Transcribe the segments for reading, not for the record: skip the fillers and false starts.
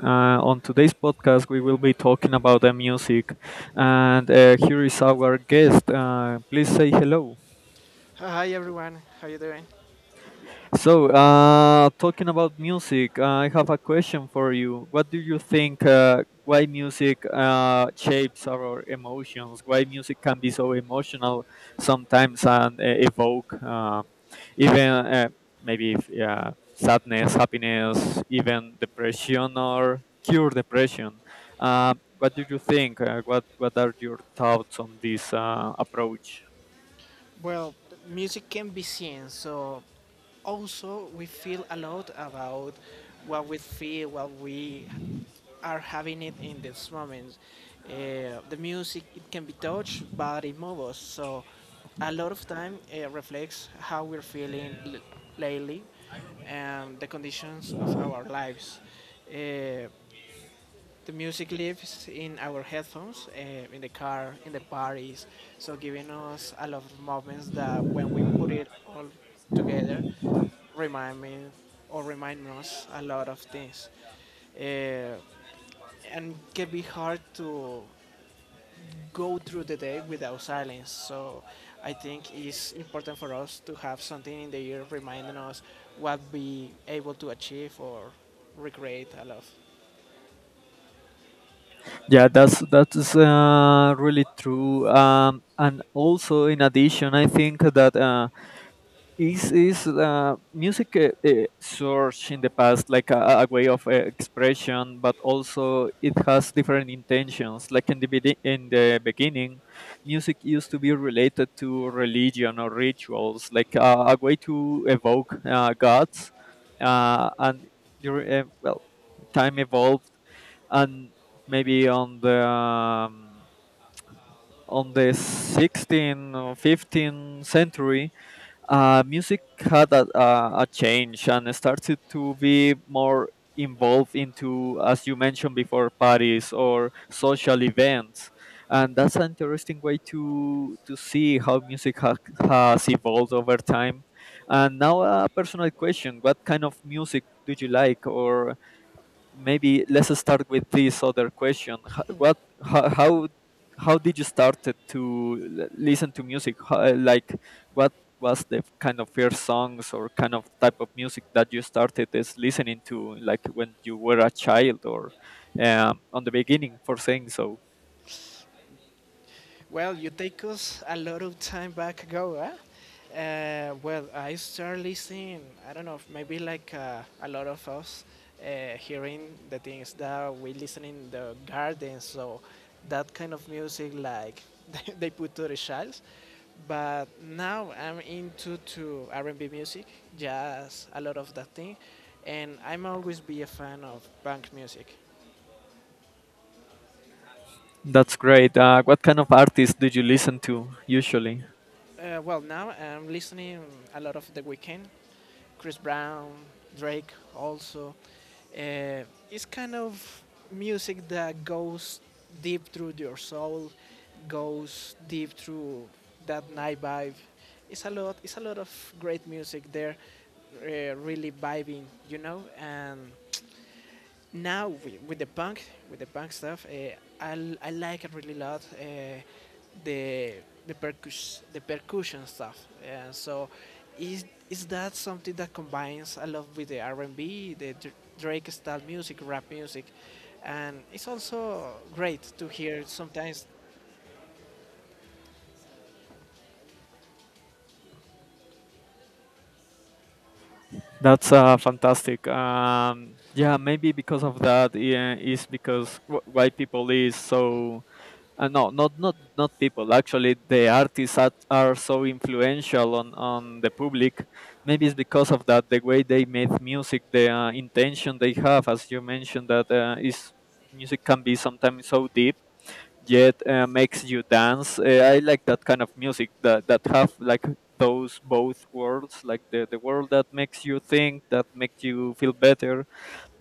On today's podcast, we will be talking about the music, and here is our guest. Please say hello. Hi everyone, how you doing? So, talking about music, I have a question for you. What do you think? Why music shapes our emotions? Why music can be so emotional sometimes, and evoke, even, maybe, if, yeah, sadness, happiness, even depression, or cure depression? What do you think? What are your thoughts on this approach? Well, music can be seen, so also we feel a lot about what we feel, what we are having it in this moment. The music it can be touched, but it moves us. So a lot of time reflects how we're feeling lately and the conditions of our lives. Uh, The music lives in our headphones, in the car, in the parties, so giving us a lot of moments that when we put it all together, remind me or remind us a lot of things. Uh, and can be hard to go through the day without silence. So I think it's important for us to have something in the ear reminding us what we able to achieve or recreate a lot. Yeah, that's really true. And also, in addition, I think that is music surged in the past like a way of expression, but also it has different intentions. Like in the in the beginning, music used to be related to religion or rituals, like a way to evoke gods, and. During, time evolved, and maybe on the 16th or 15th century, music had a change and started to be more involved into, as you mentioned before, parties or social events. And that's an interesting way to see how music has evolved over time. And now, a personal question: what kind of music do you like? Or maybe let's start with this other question. How, how, how did you started to listen to music? Like, what was the kind of first songs, or kind of type of music, that you started as listening to, like when you were a child, or on the beginning for saying so? Well, you take us a lot of time back ago, huh? Well, I started listening, I don't know, maybe like a lot of us, hearing the things that we listen in the garden, so that kind of music like they put to the shelves. But now I'm into to R&B music, jazz, a lot of that thing, and I'm always be a fan of punk music. That's great. What kind of artists did you listen to usually? Well, now I'm listening a lot of The Weeknd. Chris Brown, Drake also. Uh, it's kind of music that goes deep through your soul, goes deep through that night vibe. It's a lot. It's a lot of great music there, really vibing, you know. And now with the punk stuff I like it really a lot the the percussion stuff so is is that something that combines a lot with the R&B, the Drake style music, rap music, and it's also great to hear sometimes. That's fantastic. Yeah, maybe because of that, yeah, is because why people is so. No, not people. Actually, the artists are so influential on the public. Maybe it's because of that, the way they make music, the intention they have, as you mentioned, that is music can be sometimes so deep, yet makes you dance. I like that kind of music that have like those both worlds, like the world that makes you think, that makes you feel better,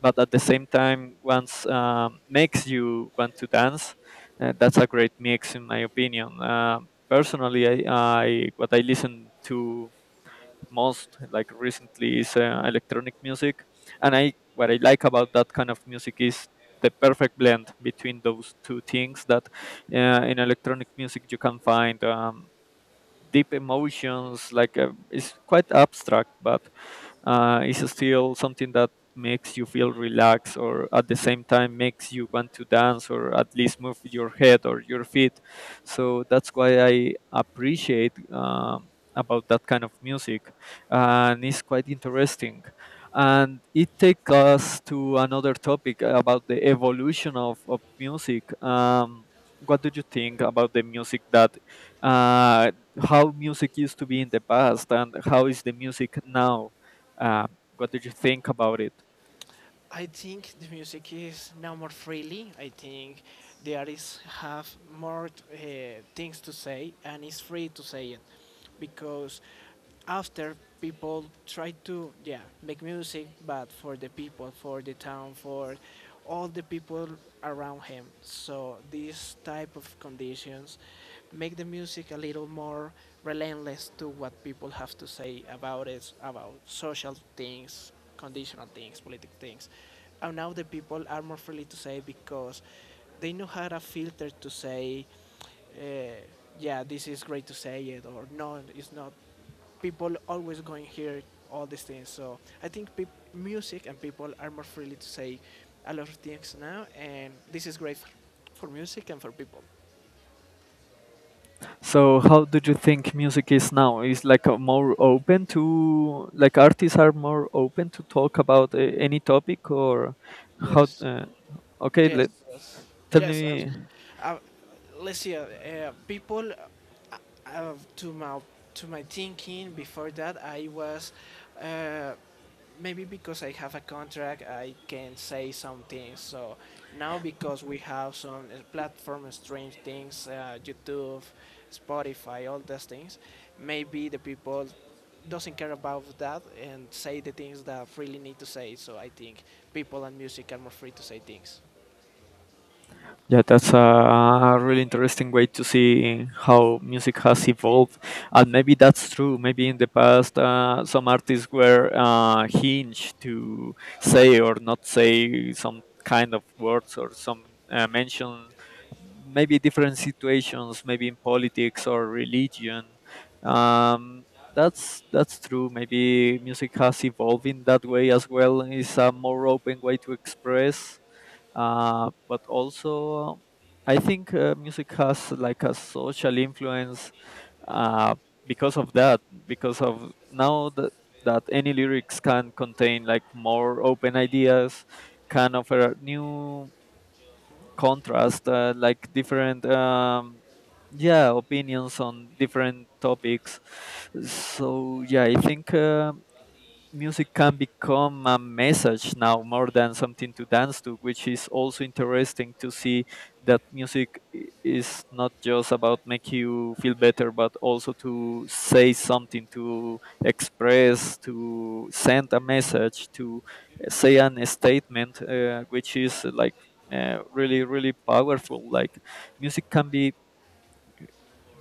but at the same time once, makes you want to dance. That's a great mix, in my opinion. Personally, I what I listen to most, like recently, is electronic music, and I what I like about that kind of music is the perfect blend between those two things, that in electronic music you can find deep emotions, like it's quite abstract, but it's still something that makes you feel relaxed, or at the same time makes you want to dance, or at least move your head or your feet. So that's why I appreciate about that kind of music. And it's quite interesting, and it takes us to another topic about the evolution of music. What do you think about the music that uh, how music used to be in the past, and how is the music now? Uh, what do you think about it? I think the music is now more freely. I think the artists have more things to say and it's free to say it because after people try to, yeah, make music but for the people, for the town, for all the people around him, so these type of conditions make the music a little more relentless to what people have to say about it, about social things, conditional things, political things. And now the people are more freely to say because they know how to filter to say, uh, yeah, this is great to say it, or no, it's not. People always going here all these things. So I think peop music and people are more freely to say a lot of things now, and this is great for music and for people. So, how do you think music is now? Is like a more open to, like, artists are more open to talk about any topic, or how? Yes. Okay, Yes, let yes, tell yes. Me. Uh, let's see. People, to my thinking before that, I was uh, maybe because I have a contract, I can say some things. So now because we have some platform strange things, YouTube, Spotify, all those things, maybe the people doesn't care about that and say the things that really need to say. So I think people and music are more free to say things. Yeah, that's a really interesting way to see how music has evolved, and maybe that's true. Maybe in the past, some artists were hinged to say or not say some kind of words, or some mention. Maybe different situations, maybe in politics or religion. Um, that's true. Maybe music has evolved in that way as well. It's a more open way to express, but also I think music has like a social influence, uh, because of that, because of now that, any lyrics can contain like more open ideas, can offer new contrast, like different, yeah, opinions on different topics. So yeah, I think music can become a message now, more than something to dance to, which is also interesting to see, that music is not just about make you feel better, but also to say something, to express, to send a message, to, say an statement, which is like really, really powerful. Like, music can be,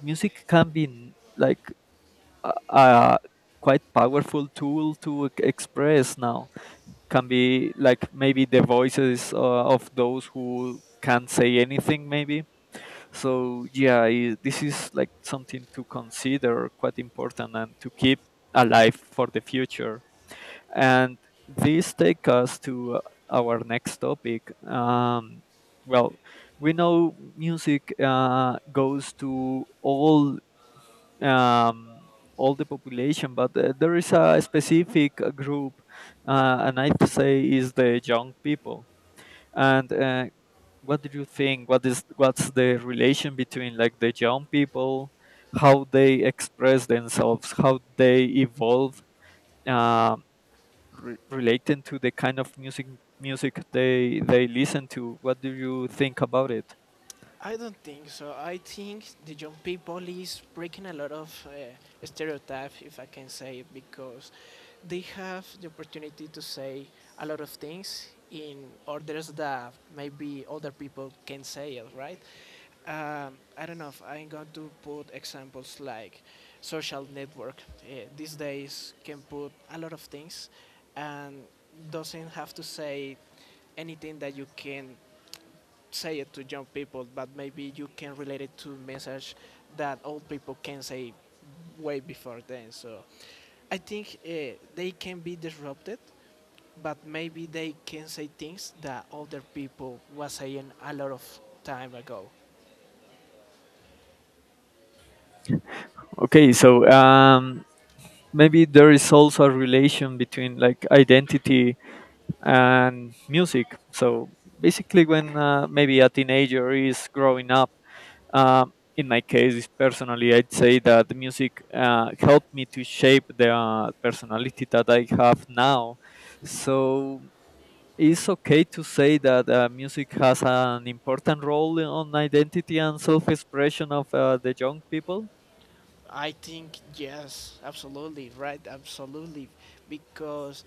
music can be n- like a quite powerful tool to express now. Can be like, maybe, the voices of those who can't say anything, maybe. So yeah, I this is like something to consider quite important, and to keep alive for the future. And this take us to our next topic. Well, we know music goes to all, um, all the population, but there is a specific group, and I'd say is the young people. And what do you think? What's the relation between, like, the young people, how they express themselves, how they evolve, uh, relating to the kind of music they listen to? What do you think about it? I don't think so. I think the young people is breaking a lot of stereotype, if I can say it, because they have the opportunity to say a lot of things in orders that maybe other people can say it, right? I don't know if I'm going to put examples like social network. These days can put a lot of things and doesn't have to say anything that you can say it to young people, but maybe you can relate it to message that old people can say way before then. So I think they can be disrupted, but maybe they can say things that older people was saying a lot of time ago. Okay, so, maybe there is also a relation between, like, identity and music. So basically, when, maybe a teenager is growing up, in my case personally, I'd say that the music helped me to shape the personality that I have now. So it's okay to say that music has an important role on identity and self-expression of the young people. I think yes, absolutely, right, absolutely, because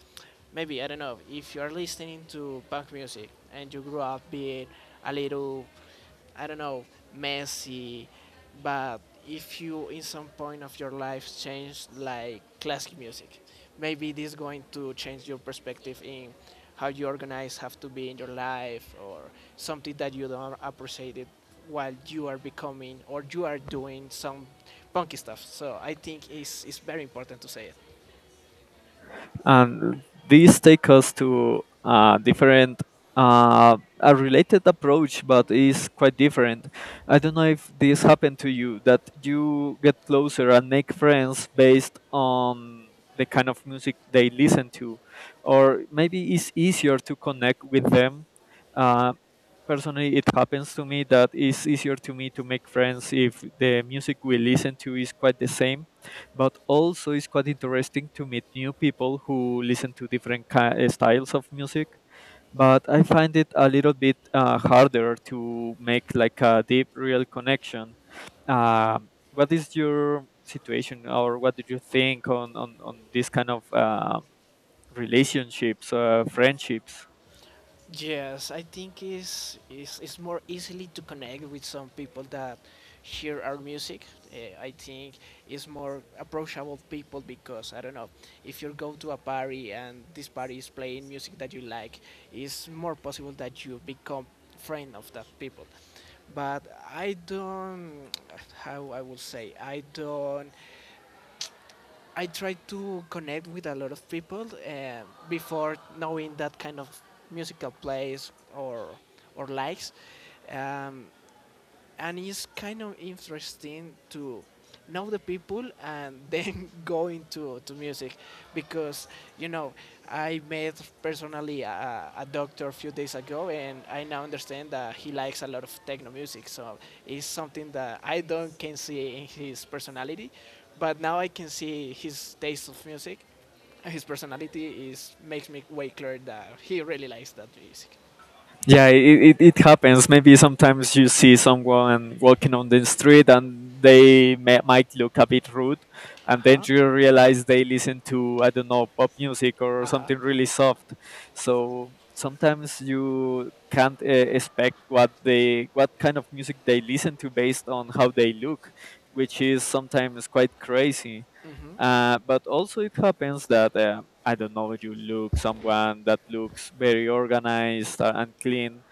maybe I don't know if you are listening to punk music and you grew up being a little, I don't know, messy, but if you in some point of your life change like classic music, maybe this is going to change your perspective in how you organize have to be in your life or something that you don't appreciate it while you are becoming or you are doing some punky stuff. So I think it's very important to say it. And these take us to different a related approach, but is quite different. I don't know if this happened to you, that you get closer and make friends based on the kind of music they listen to, or maybe it's easier to connect with them. uh, Personally, it happens to me that it's easier to me to make friends if the music we listen to is quite the same, but also it's quite interesting to meet new people who listen to different styles of music. But I find it a little bit harder to make like a deep, real connection. What is your situation, or what did you think on this kind of relationships, friendships? Yes, I think it's more easily to connect with some people that hear our music. I think it's more approachable people because I don't know if you go to a party and this party is playing music that you like, it's more possible that you become friend of that people. But I don't how I will say, I don't, I try to connect with a lot of people before knowing that kind of musical plays or likes. Um, and it's kind of interesting to know the people and then go into to music because you know I met personally a doctor a few days ago and I now understand that he likes a lot of techno music so it's something that I don't can see in his personality but now I can see his taste of music and his personality is makes me way clear that he really likes that music. Yeah, it happens. Maybe sometimes you see someone walking on the street, and they might look a bit rude, and then Uh-huh. you realize they listen to, I don't know, pop music or Uh-huh. something really soft. So sometimes you can't expect what they what kind of music they listen to based on how they look, which is sometimes quite crazy. Hmm. But also it happens that, I don't know, you look someone that looks very organized, and clean.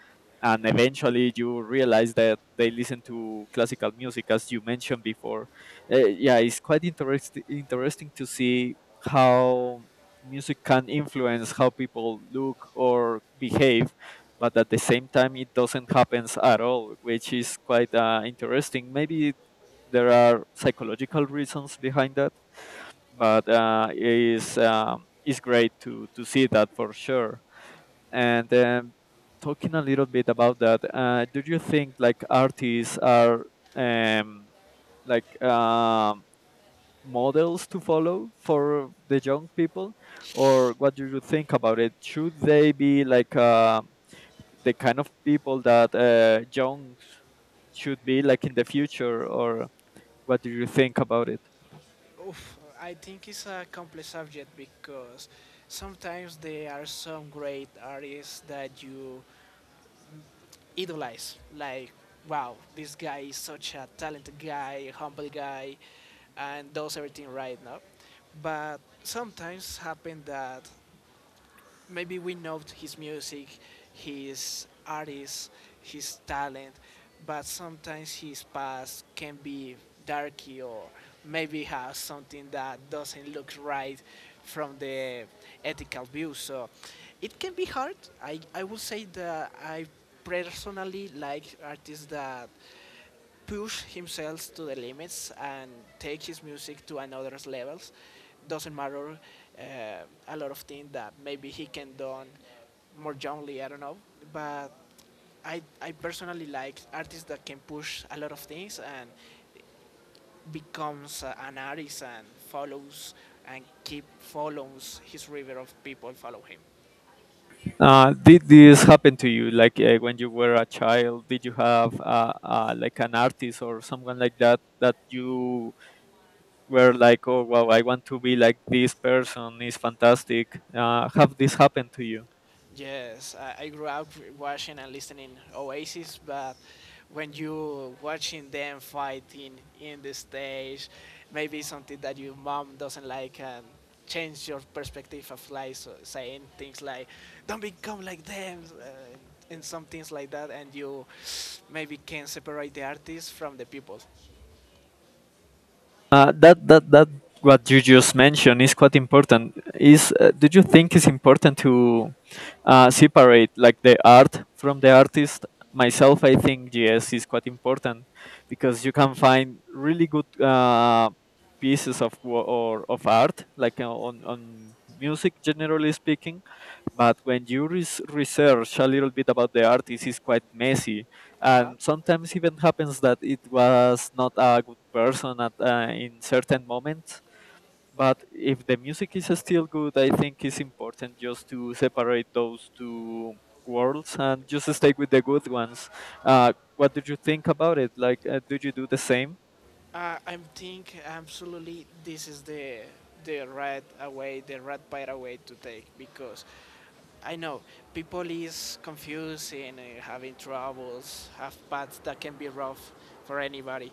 And eventually you realize that they listen to classical music, as you mentioned before. Yeah, it's quite interesting to see how music can influence how people look or behave. But at the same time, it doesn't happen at all, which is quite interesting. Maybe there are psychological reasons behind that, but it's great to see that, for sure. And talking a little bit about that, do you think like artists are, um, like, models to follow for the young people, or what do you think about it? Should they be like, the kind of people that young should be like in the future, or what do you think about it? Oof, I think it's a complex subject because sometimes there are some great artists that you idolize. Like, wow, this guy is such a talented guy, humble guy, and does everything right now. But sometimes happen that maybe we know his music, his artist, his talent, but sometimes his past can be darky or maybe has something that doesn't look right from the ethical view. So it can be hard. I would say that I personally like artists that push himself to the limits and take his music to another levels. Doesn't matter uh, a lot of things that maybe he can done more youngly. I don't know, but I personally like artists that can push a lot of things and becomes an artist and follows and keep follows his river of people follow him. Did this happen to you, like when you were a child? Did you have like an artist or someone like that, that you were like, oh wow, I want to be like this person. Is fantastic. Have this happened to you? Yes, I grew up watching and listening Oasis, but when you watching them fighting in the stage, maybe something that your mom doesn't like and change your perspective of life, so saying things like "Don't become like them" and some things like that, and you maybe can separate the artist from the people. That that that what you just mentioned is quite important. Is do you think it's important to separate, like, the art from the artist? Myself, I think yes, is quite important, because you can find really good pieces of or of art, like on music, generally speaking. But when you research a little bit about the artist, it's quite messy, Uh-huh. and sometimes even happens that it was not a good person at in certain moments. But if the music is still good, I think it's important just to separate those two worlds and just stay with the good ones. What do you think about it? Like, do you do the same? I think absolutely this is the right away, the right path away to take because I know people is confusing, having troubles, have paths that can be rough for anybody.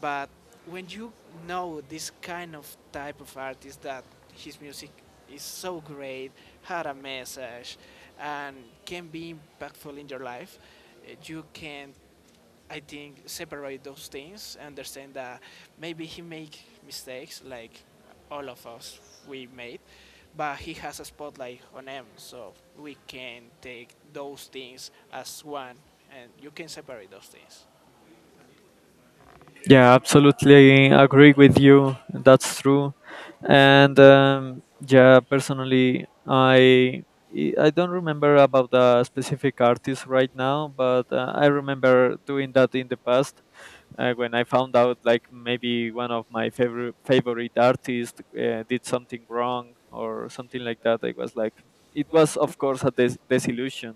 But when you know this kind of type of artist that his music is so great, had a message, and can be impactful in your life, you can I think separate those things, understand that maybe he make mistakes like all of us we made, but he has a spotlight on him, so we can take those things as one, and you can separate those things. Yeah, absolutely agree with you. That's true. And yeah, personally, I don't remember about the specific artist right now, but I remember doing that in the past, when I found out, like, maybe one of my favorite artists did something wrong or something like that. I was like, it was of course a desillusion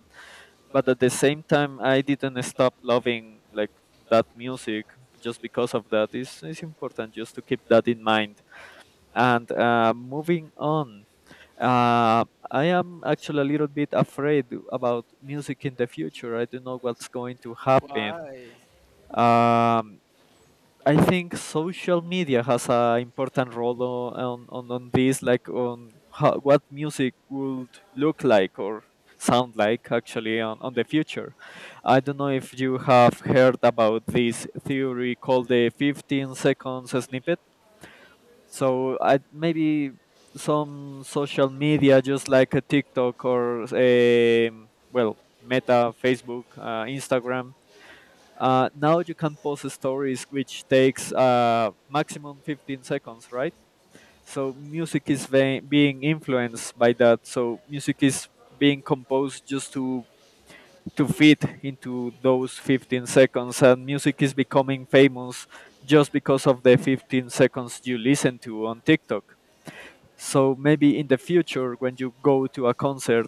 but at the same time I didn't stop loving like that music just because of that. It's important just to keep that in mind and moving on. uh, I am actually a little bit afraid about music in the future. I don't know what's going to happen. Why? um, I think social media has a important role on this, like on how, what music would look like or sound like actually on the future. I don't know if you have heard about this theory called the 15 seconds snippet. So I, maybe some social media, just like a TikTok or, well, Meta, Facebook, Instagram, now you can post stories, which takes maximum 15 seconds, right? So music is being influenced by that. So music is being composed just to fit into those 15 seconds, and music is becoming famous just because of the 15 seconds you listen to on TikTok. So maybe in the future, when you go to a concert,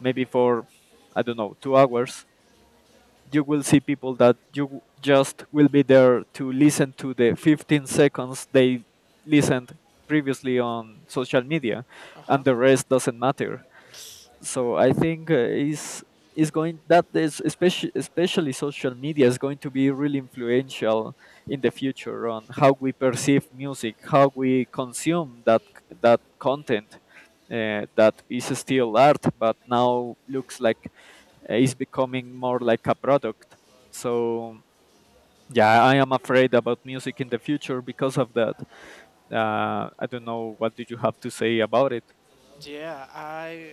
maybe for I don't know 2 hours, you will see people that you just will be there to listen to the 15 seconds they listened previously on social media Uh huh. and the rest doesn't matter. So I think is going that is especially social media is going to be really influential in the future on how we perceive music, how we consume that content, that is still art but now looks like is becoming more like a product. So yeah, I am afraid about music in the future because of that. I don't know, what did you have to say about it? Yeah, I,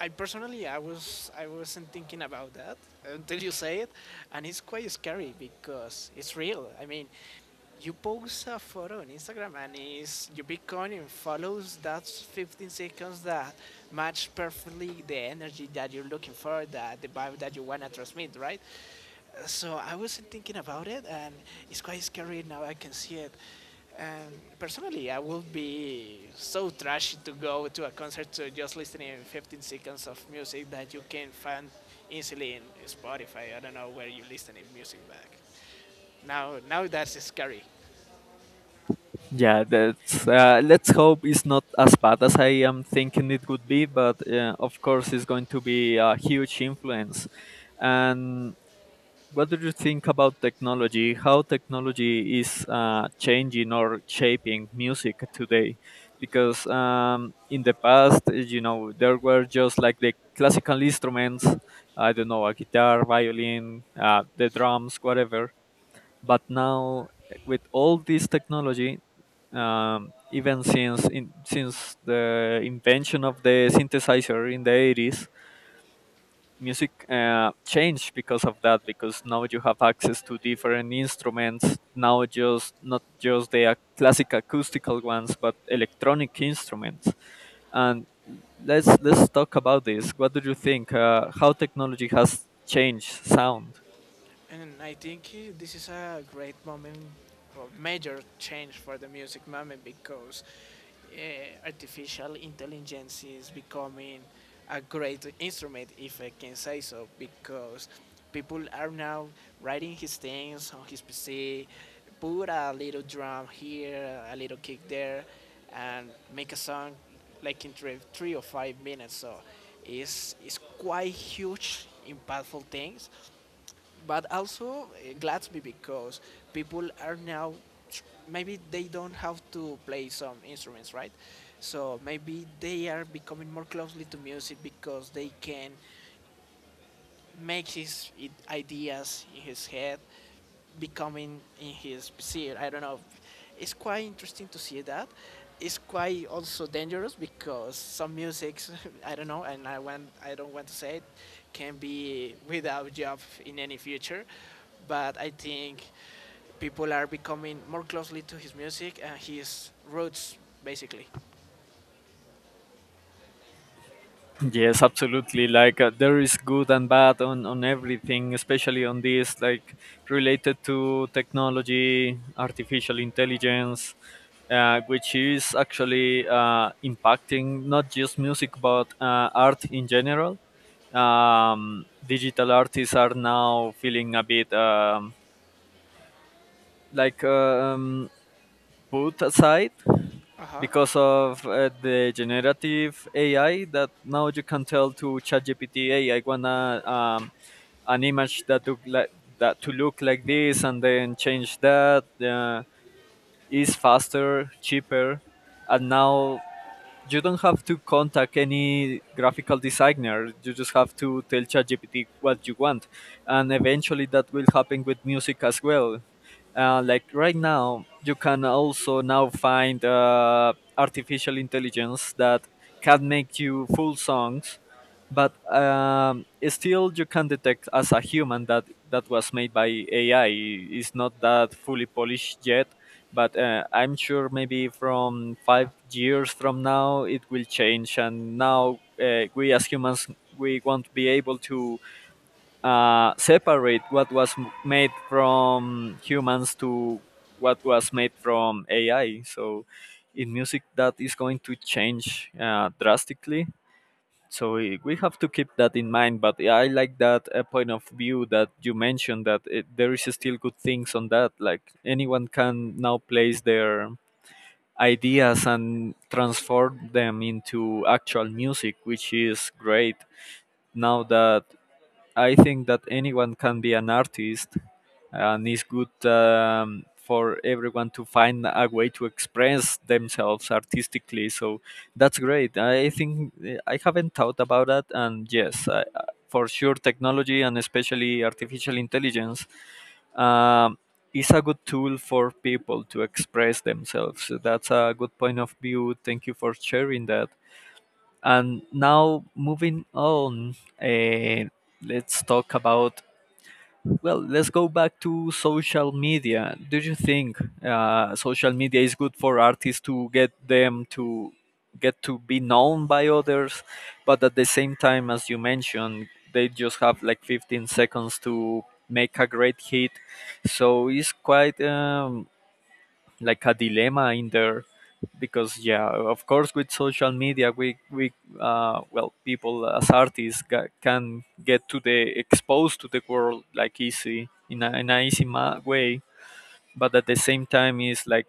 I personally, I wasn't thinking about that until you say it, and it's quite scary because it's real. I mean, you post a photo on Instagram and it's your Bitcoin and follows. That's 15 seconds that match perfectly the energy that you're looking for, that the vibe that you want to transmit, right? So I wasn't thinking about it, and it's quite scary now. I can see it. And personally, I would be so trashy to go to a concert to just listening to 15 seconds of music that you can find easily in Spotify. I don't know where you listen to music back. Now, now that's scary. Yeah, that's. Let's hope it's not as bad as I am thinking it would be, but of course, it's going to be a huge influence. And what do you think about technology? How technology is changing or shaping music today? Because in the past, you know, there were just like the classical instruments. I don't know, a guitar, violin, the drums, whatever. But now, with all this technology, even since in, since the invention of the synthesizer in the 80s, music changed because of that. Because now you have access to different instruments. Now, just not just the classic acoustical ones, but electronic instruments. And let's talk about this. What do you think? How technology has changed sound? And I think this is a great moment, or major change for the music moment because artificial intelligence is becoming a great instrument, if I can say so, because people are now writing his things on his PC, put a little drum here, a little kick there, and make a song like in 3 or 5 minutes. So it's quite huge, impactful things, but also it glads me because people are now maybe they don't have to play some instruments, right? So maybe they are becoming more closely to music because they can makes his ideas in his head becoming in his PC. I don't know. It's quite interesting to see that. It's quite also dangerous because some music, I don't know, and I don't want to say it, can be without job in any future. But I think people are becoming more closely to his music and his roots, basically. Yes, absolutely. Like there is good and bad on everything, especially on this, like related to technology, artificial intelligence, which is actually impacting not just music but art in general. Digital artists are now feeling a bit like put aside Uh huh. because of the generative AI that now you can tell to ChatGPT, hey, I wanna an image that look like that to look like this, and then change that. Is faster, cheaper, and now you don't have to contact any graphical designer. You just have to tell ChatGPT what you want and eventually that will happen with music as well. Like right now you can also now find artificial intelligence that can make you full songs, but still you can detect as a human that that was made by AI. It's not that fully polished yet, but I'm sure maybe from 5 years from now it will change and now we as humans we won't be able to separate what was made from humans to what was made from AI. So in music that is going to change drastically, so we have to keep that in mind. But I like that point of view that you mentioned, that it, there is still good things on that, like anyone can now place their ideas and transform them into actual music, which is great. Now that I think that anyone can be an artist, and it's good for everyone to find a way to express themselves artistically. So that's great. I think I haven't thought about that, and yes, for sure, technology and especially artificial intelligence um, is a good tool for people to express themselves. So that's a good point of view. Thank you for sharing that. And now moving on, uh, let's talk about well, let's go back to social media. Do you think social media is good for artists to get them to get to be known by others, but at the same time, as you mentioned, they just have like 15 seconds to make a great hit. So it's quite like a dilemma in there, because yeah of course with social media we well people as artists can get to the exposed to the world like easy in a easy way, but at the same time is like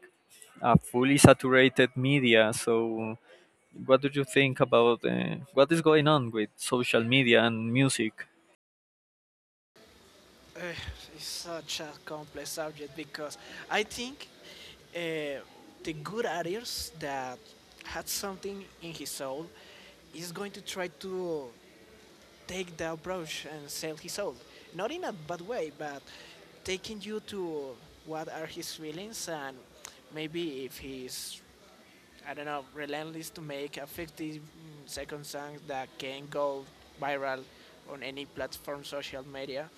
a fully saturated media. So what do you think about what is going on with social media and music? Uh, it's such a complex subject because I think uh, the good artist that had something in his soul is going to try to take the approach and sell his soul. Not in a bad way, but taking you to what are his feelings and maybe if he's, I don't know, relentless to make a 50-second song that can go viral on any platform, social media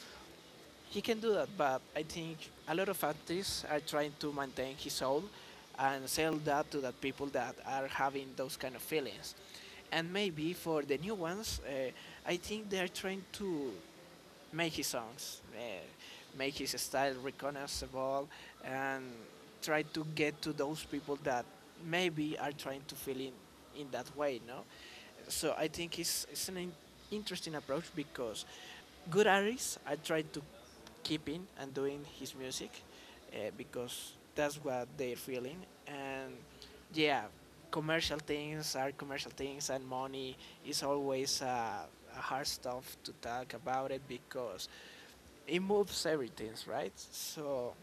he can do that, but I think a lot of artists are trying to maintain his soul and sell that to the people that are having those kind of feelings. And maybe for the new ones, I think they are trying to make his songs, make his style recognizable, and try to get to those people that maybe are trying to feel in that way, no? So I think it's an interesting approach because good artists are trying to keep in and doing his music because that's what they're feeling. And yeah, commercial things are commercial things and money it's always a hard stuff to talk about it because it moves everything, right? So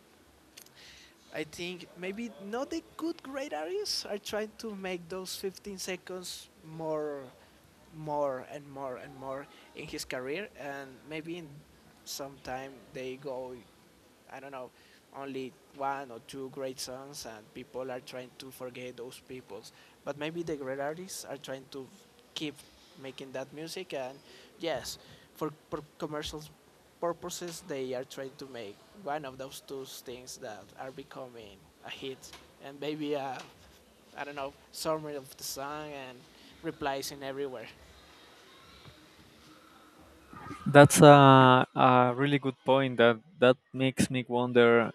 I think maybe not the good great artists are trying to make those 15 seconds more and more and more in his career, and maybe in some time they go I don't know, only one or two great songs, and people are trying to forget those peoples. But maybe the great artists are trying to keep making that music, and yes, for commercial purposes, they are trying to make one of those two things that are becoming a hit, and maybe a, I don't know, summary of the song and replies in everywhere. That's a really good point. That makes me wonder,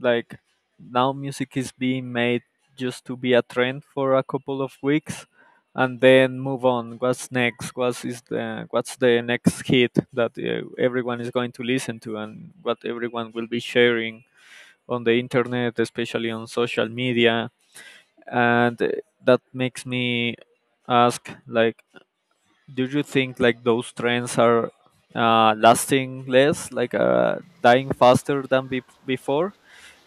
like, now music is being made just to be a trend for a couple of weeks, and then move on. What's next? What is the what's the next hit that everyone is going to listen to, and what everyone will be sharing on the internet, especially on social media, and that makes me ask, like, do you think like those trends are lasting less, like dying faster than before?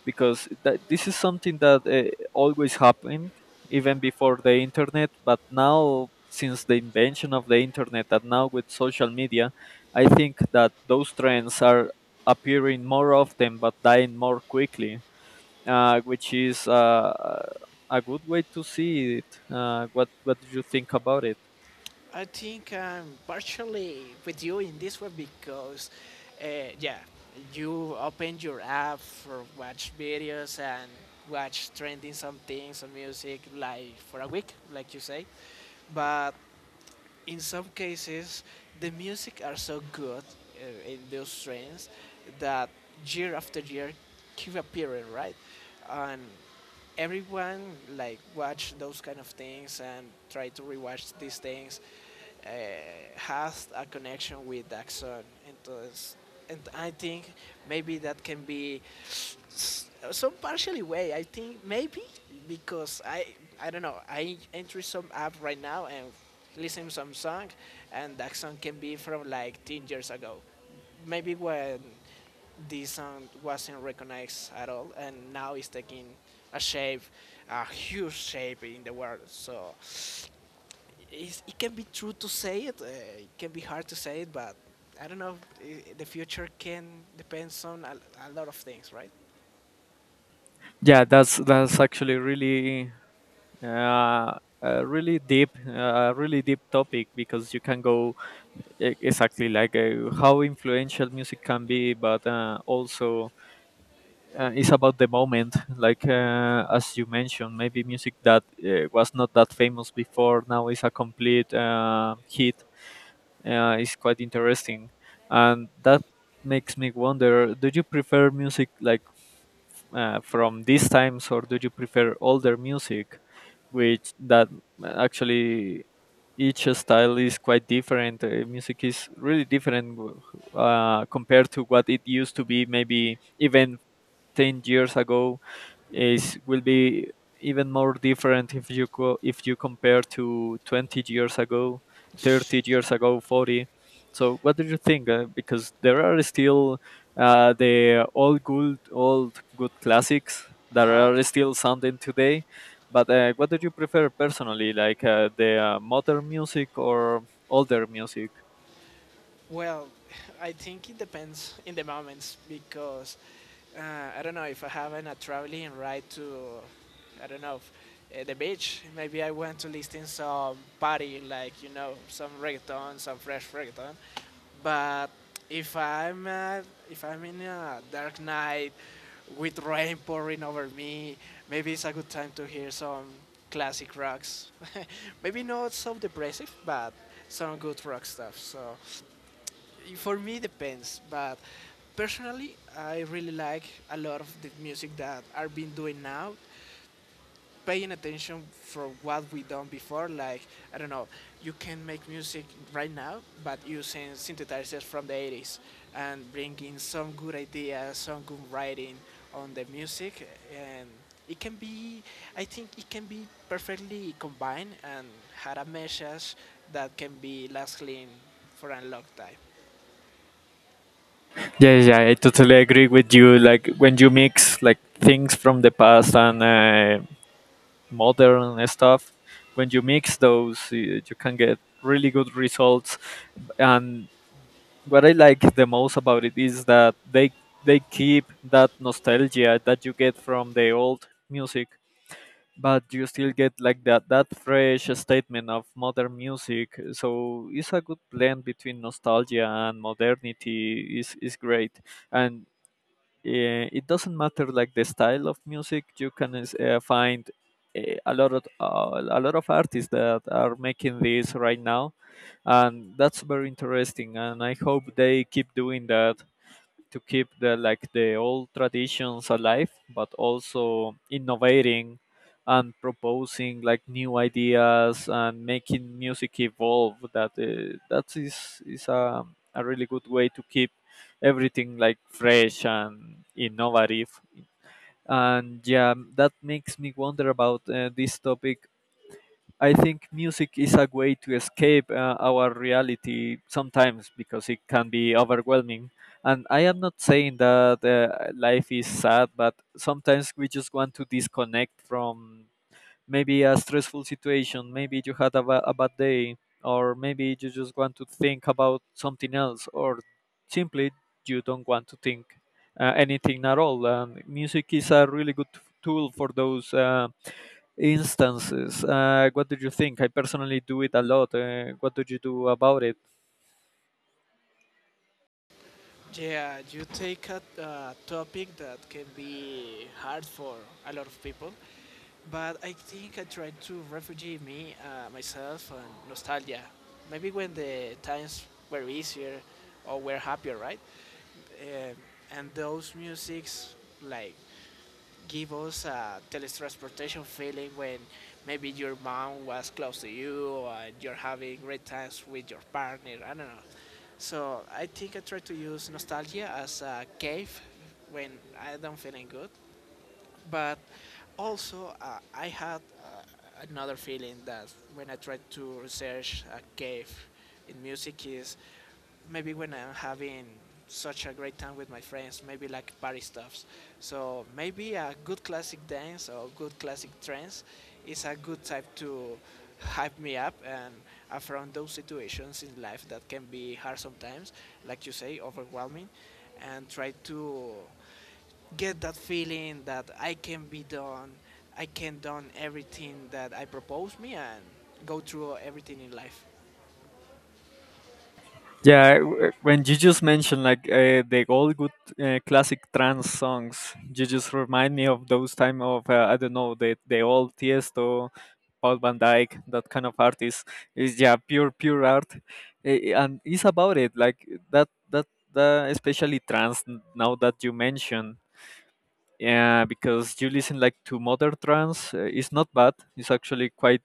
Because that, this is something that always happened, even before the internet. But now, since the invention of the internet, and now with social media, I think that those trends are appearing more often but dying more quickly, which is a good way to see it. What What do you think about it? I think I'm partially with you in this one because, uh, yeah, you open your app for watch videos and watch trending some things some music like for a week, like you say. But in some cases, the music are so good in those trends that year after year keep appearing, right? And everyone like watch those kind of things and try to rewatch these things uh, has a connection with Daxon. Entonces, and I think maybe that can be some partially way. I think maybe because I don't know. I enter some app right now and listen to some song, and that song can be from like 10 years ago. Maybe when this song wasn't recognized at all, and now it's taking a shape, a huge shape in the world. So it's, it can be true to say it, it can be hard to say it, but I don't know. The future can depends on a lot of things, right? Yeah, that's actually really a really deep topic, because you can go exactly like how influential music can be, but also it's about the moment. Like as you mentioned, maybe music that was not that famous before now is a complete hit. It's quite interesting, and that makes me wonder: do you prefer music like? From these times, or do you prefer older music, which that actually each style is quite different. Music is really different compared to what it used to be, maybe even 10 years ago is will be even more different if you if you compare to 20 years ago, 30 years ago, 40. So what do you think because there are still the old good classics Uh that huh. are still sounding today, but what do you prefer personally, like the modern music or older music? Well, I think it depends in the moments because uh, I don't know if I have a traveling ride to, I don't know, the beach. Maybe I want to listen some party, like you know, some reggaeton, some fresh reggaeton. But if I'm uh, if I'm in a dark night with rain pouring over me, maybe it's a good time to hear some classic rocks. Maybe not so depressive, but some good rock stuff. So for me, depends. But personally, I really like a lot of the music that are being doing now. Paying attention for what we done before, like I don't know, you can make music right now, but using synthesizers from the 80s and bringing some good ideas, some good writing on the music, and it can be, I think it can be perfectly combined and had a message that can be lasting for a long time. Yeah, yeah, I totally agree with you. Like when you mix like things from the past and modern stuff. When you mix those, you can get really good results. And what I like the most about it is that they keep that nostalgia that you get from the old music, but you still get like that fresh statement of modern music. So it's a good blend between nostalgia and modernity. Is great, and yeah, it doesn't matter like the style of music. You can find eh, a lot of artists that are making this right now, and that's very interesting. And I hope they keep doing that to keep the like the old traditions alive but also innovating and proposing like new ideas and making music evolve, that that is a really good way to keep everything like fresh and innovative. And yeah, that makes me wonder about this topic. I think music is a way to escape our reality sometimes because it can be overwhelming. And I am not saying that life is sad, but sometimes we just want to disconnect from maybe a stressful situation. Maybe you had a bad day, or maybe you just want to think about something else, or simply you don't want to think anything at all. And music is a really good tool for those. Instances. What did you think? I personally do it a lot. What did you do about it? Yeah, you take a topic that can be hard for a lot of people, but I think I try to refugee me, myself, and nostalgia. Maybe when the times were easier or were happier, right? Um and those musics like give us a teletransportation feeling when maybe your mom was close to you and you're having great times with your partner. I don't know. So I think I try to use nostalgia as a cave when I don't feeling good. But also I had another feeling that when I tried to research a cave in music is maybe when I'm having such a great time with my friends, maybe like party stuffs. So maybe a good classic dance or good classic trance is a good type to hype me up and uh, those situations in life that can be hard sometimes, like you say, overwhelming, and try to get that feeling that I can be done, I can done everything that I propose me and go through everything in life. Yeah, when you just mentioned like the old good classic trance songs, you just remind me of those time of I don't know, the old Tiesto, Paul Van Dyke, that kind of artist. Is yeah, pure art. Eh, eh, and it's about it, like that that the especially trance now that you mention. Yeah, because you listen like to modern trance, it's not bad. It's actually quite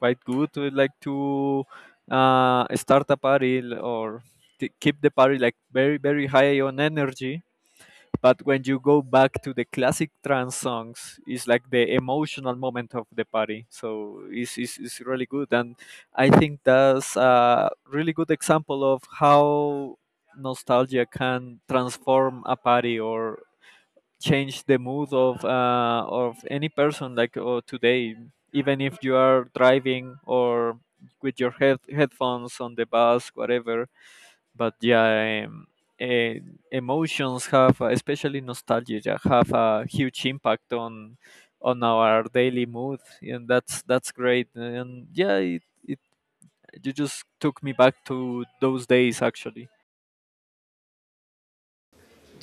quite good to like to start a party or to keep the party like very high on energy, but when you go back to the classic trance songs it's like the emotional moment of the party. So it's really good, and I think that's a really good example of how nostalgia can transform a party or change the mood of any person, like today even if you are driving or with your headphones on the bus, whatever. But yeah, eh, emotions have especially nostalgia, yeah, have a huge impact on our daily mood, and that's great. And yeah, it you just took me back to those days, actually.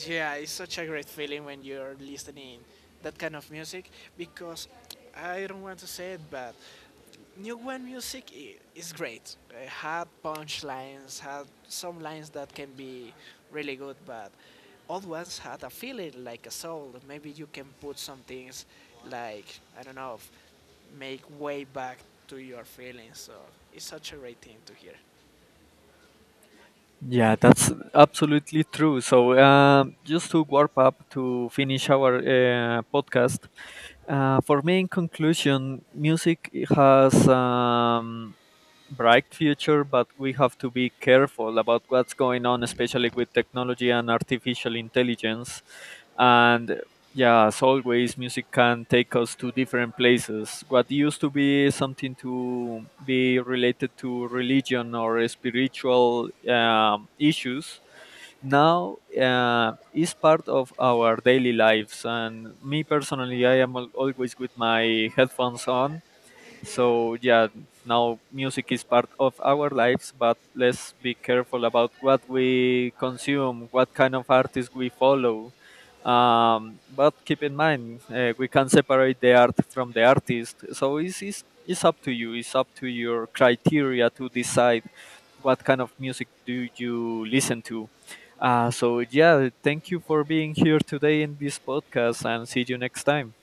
Yeah, it's such a great feeling when you're listening that kind of music because I don't want to say it, but New One music is great. It had punch lines, had some lines that can be really good, but old ones had a feeling like a soul. Maybe you can put some things like I don't know, make way back to your feelings. So it's such a great thing to hear. Yeah, that's absolutely true. So, just to warp up to finish our podcast, for me, in conclusion, music has. Bright future, but we have to be careful about what's going on, especially with technology and artificial intelligence. And yeah, as always, music can take us to different places. What used to be something to be related to religion or spiritual issues now is part of our daily lives. And me personally, I am always with my headphones on. So yeah, now music is part of our lives, but let's be careful about what we consume, what kind of artists we follow. But keep in mind, we can separate the art from the artist. So it's up to you. It's up to your criteria to decide what kind of music do you listen to. So yeah, thank you for being here today in this podcast, and see you next time.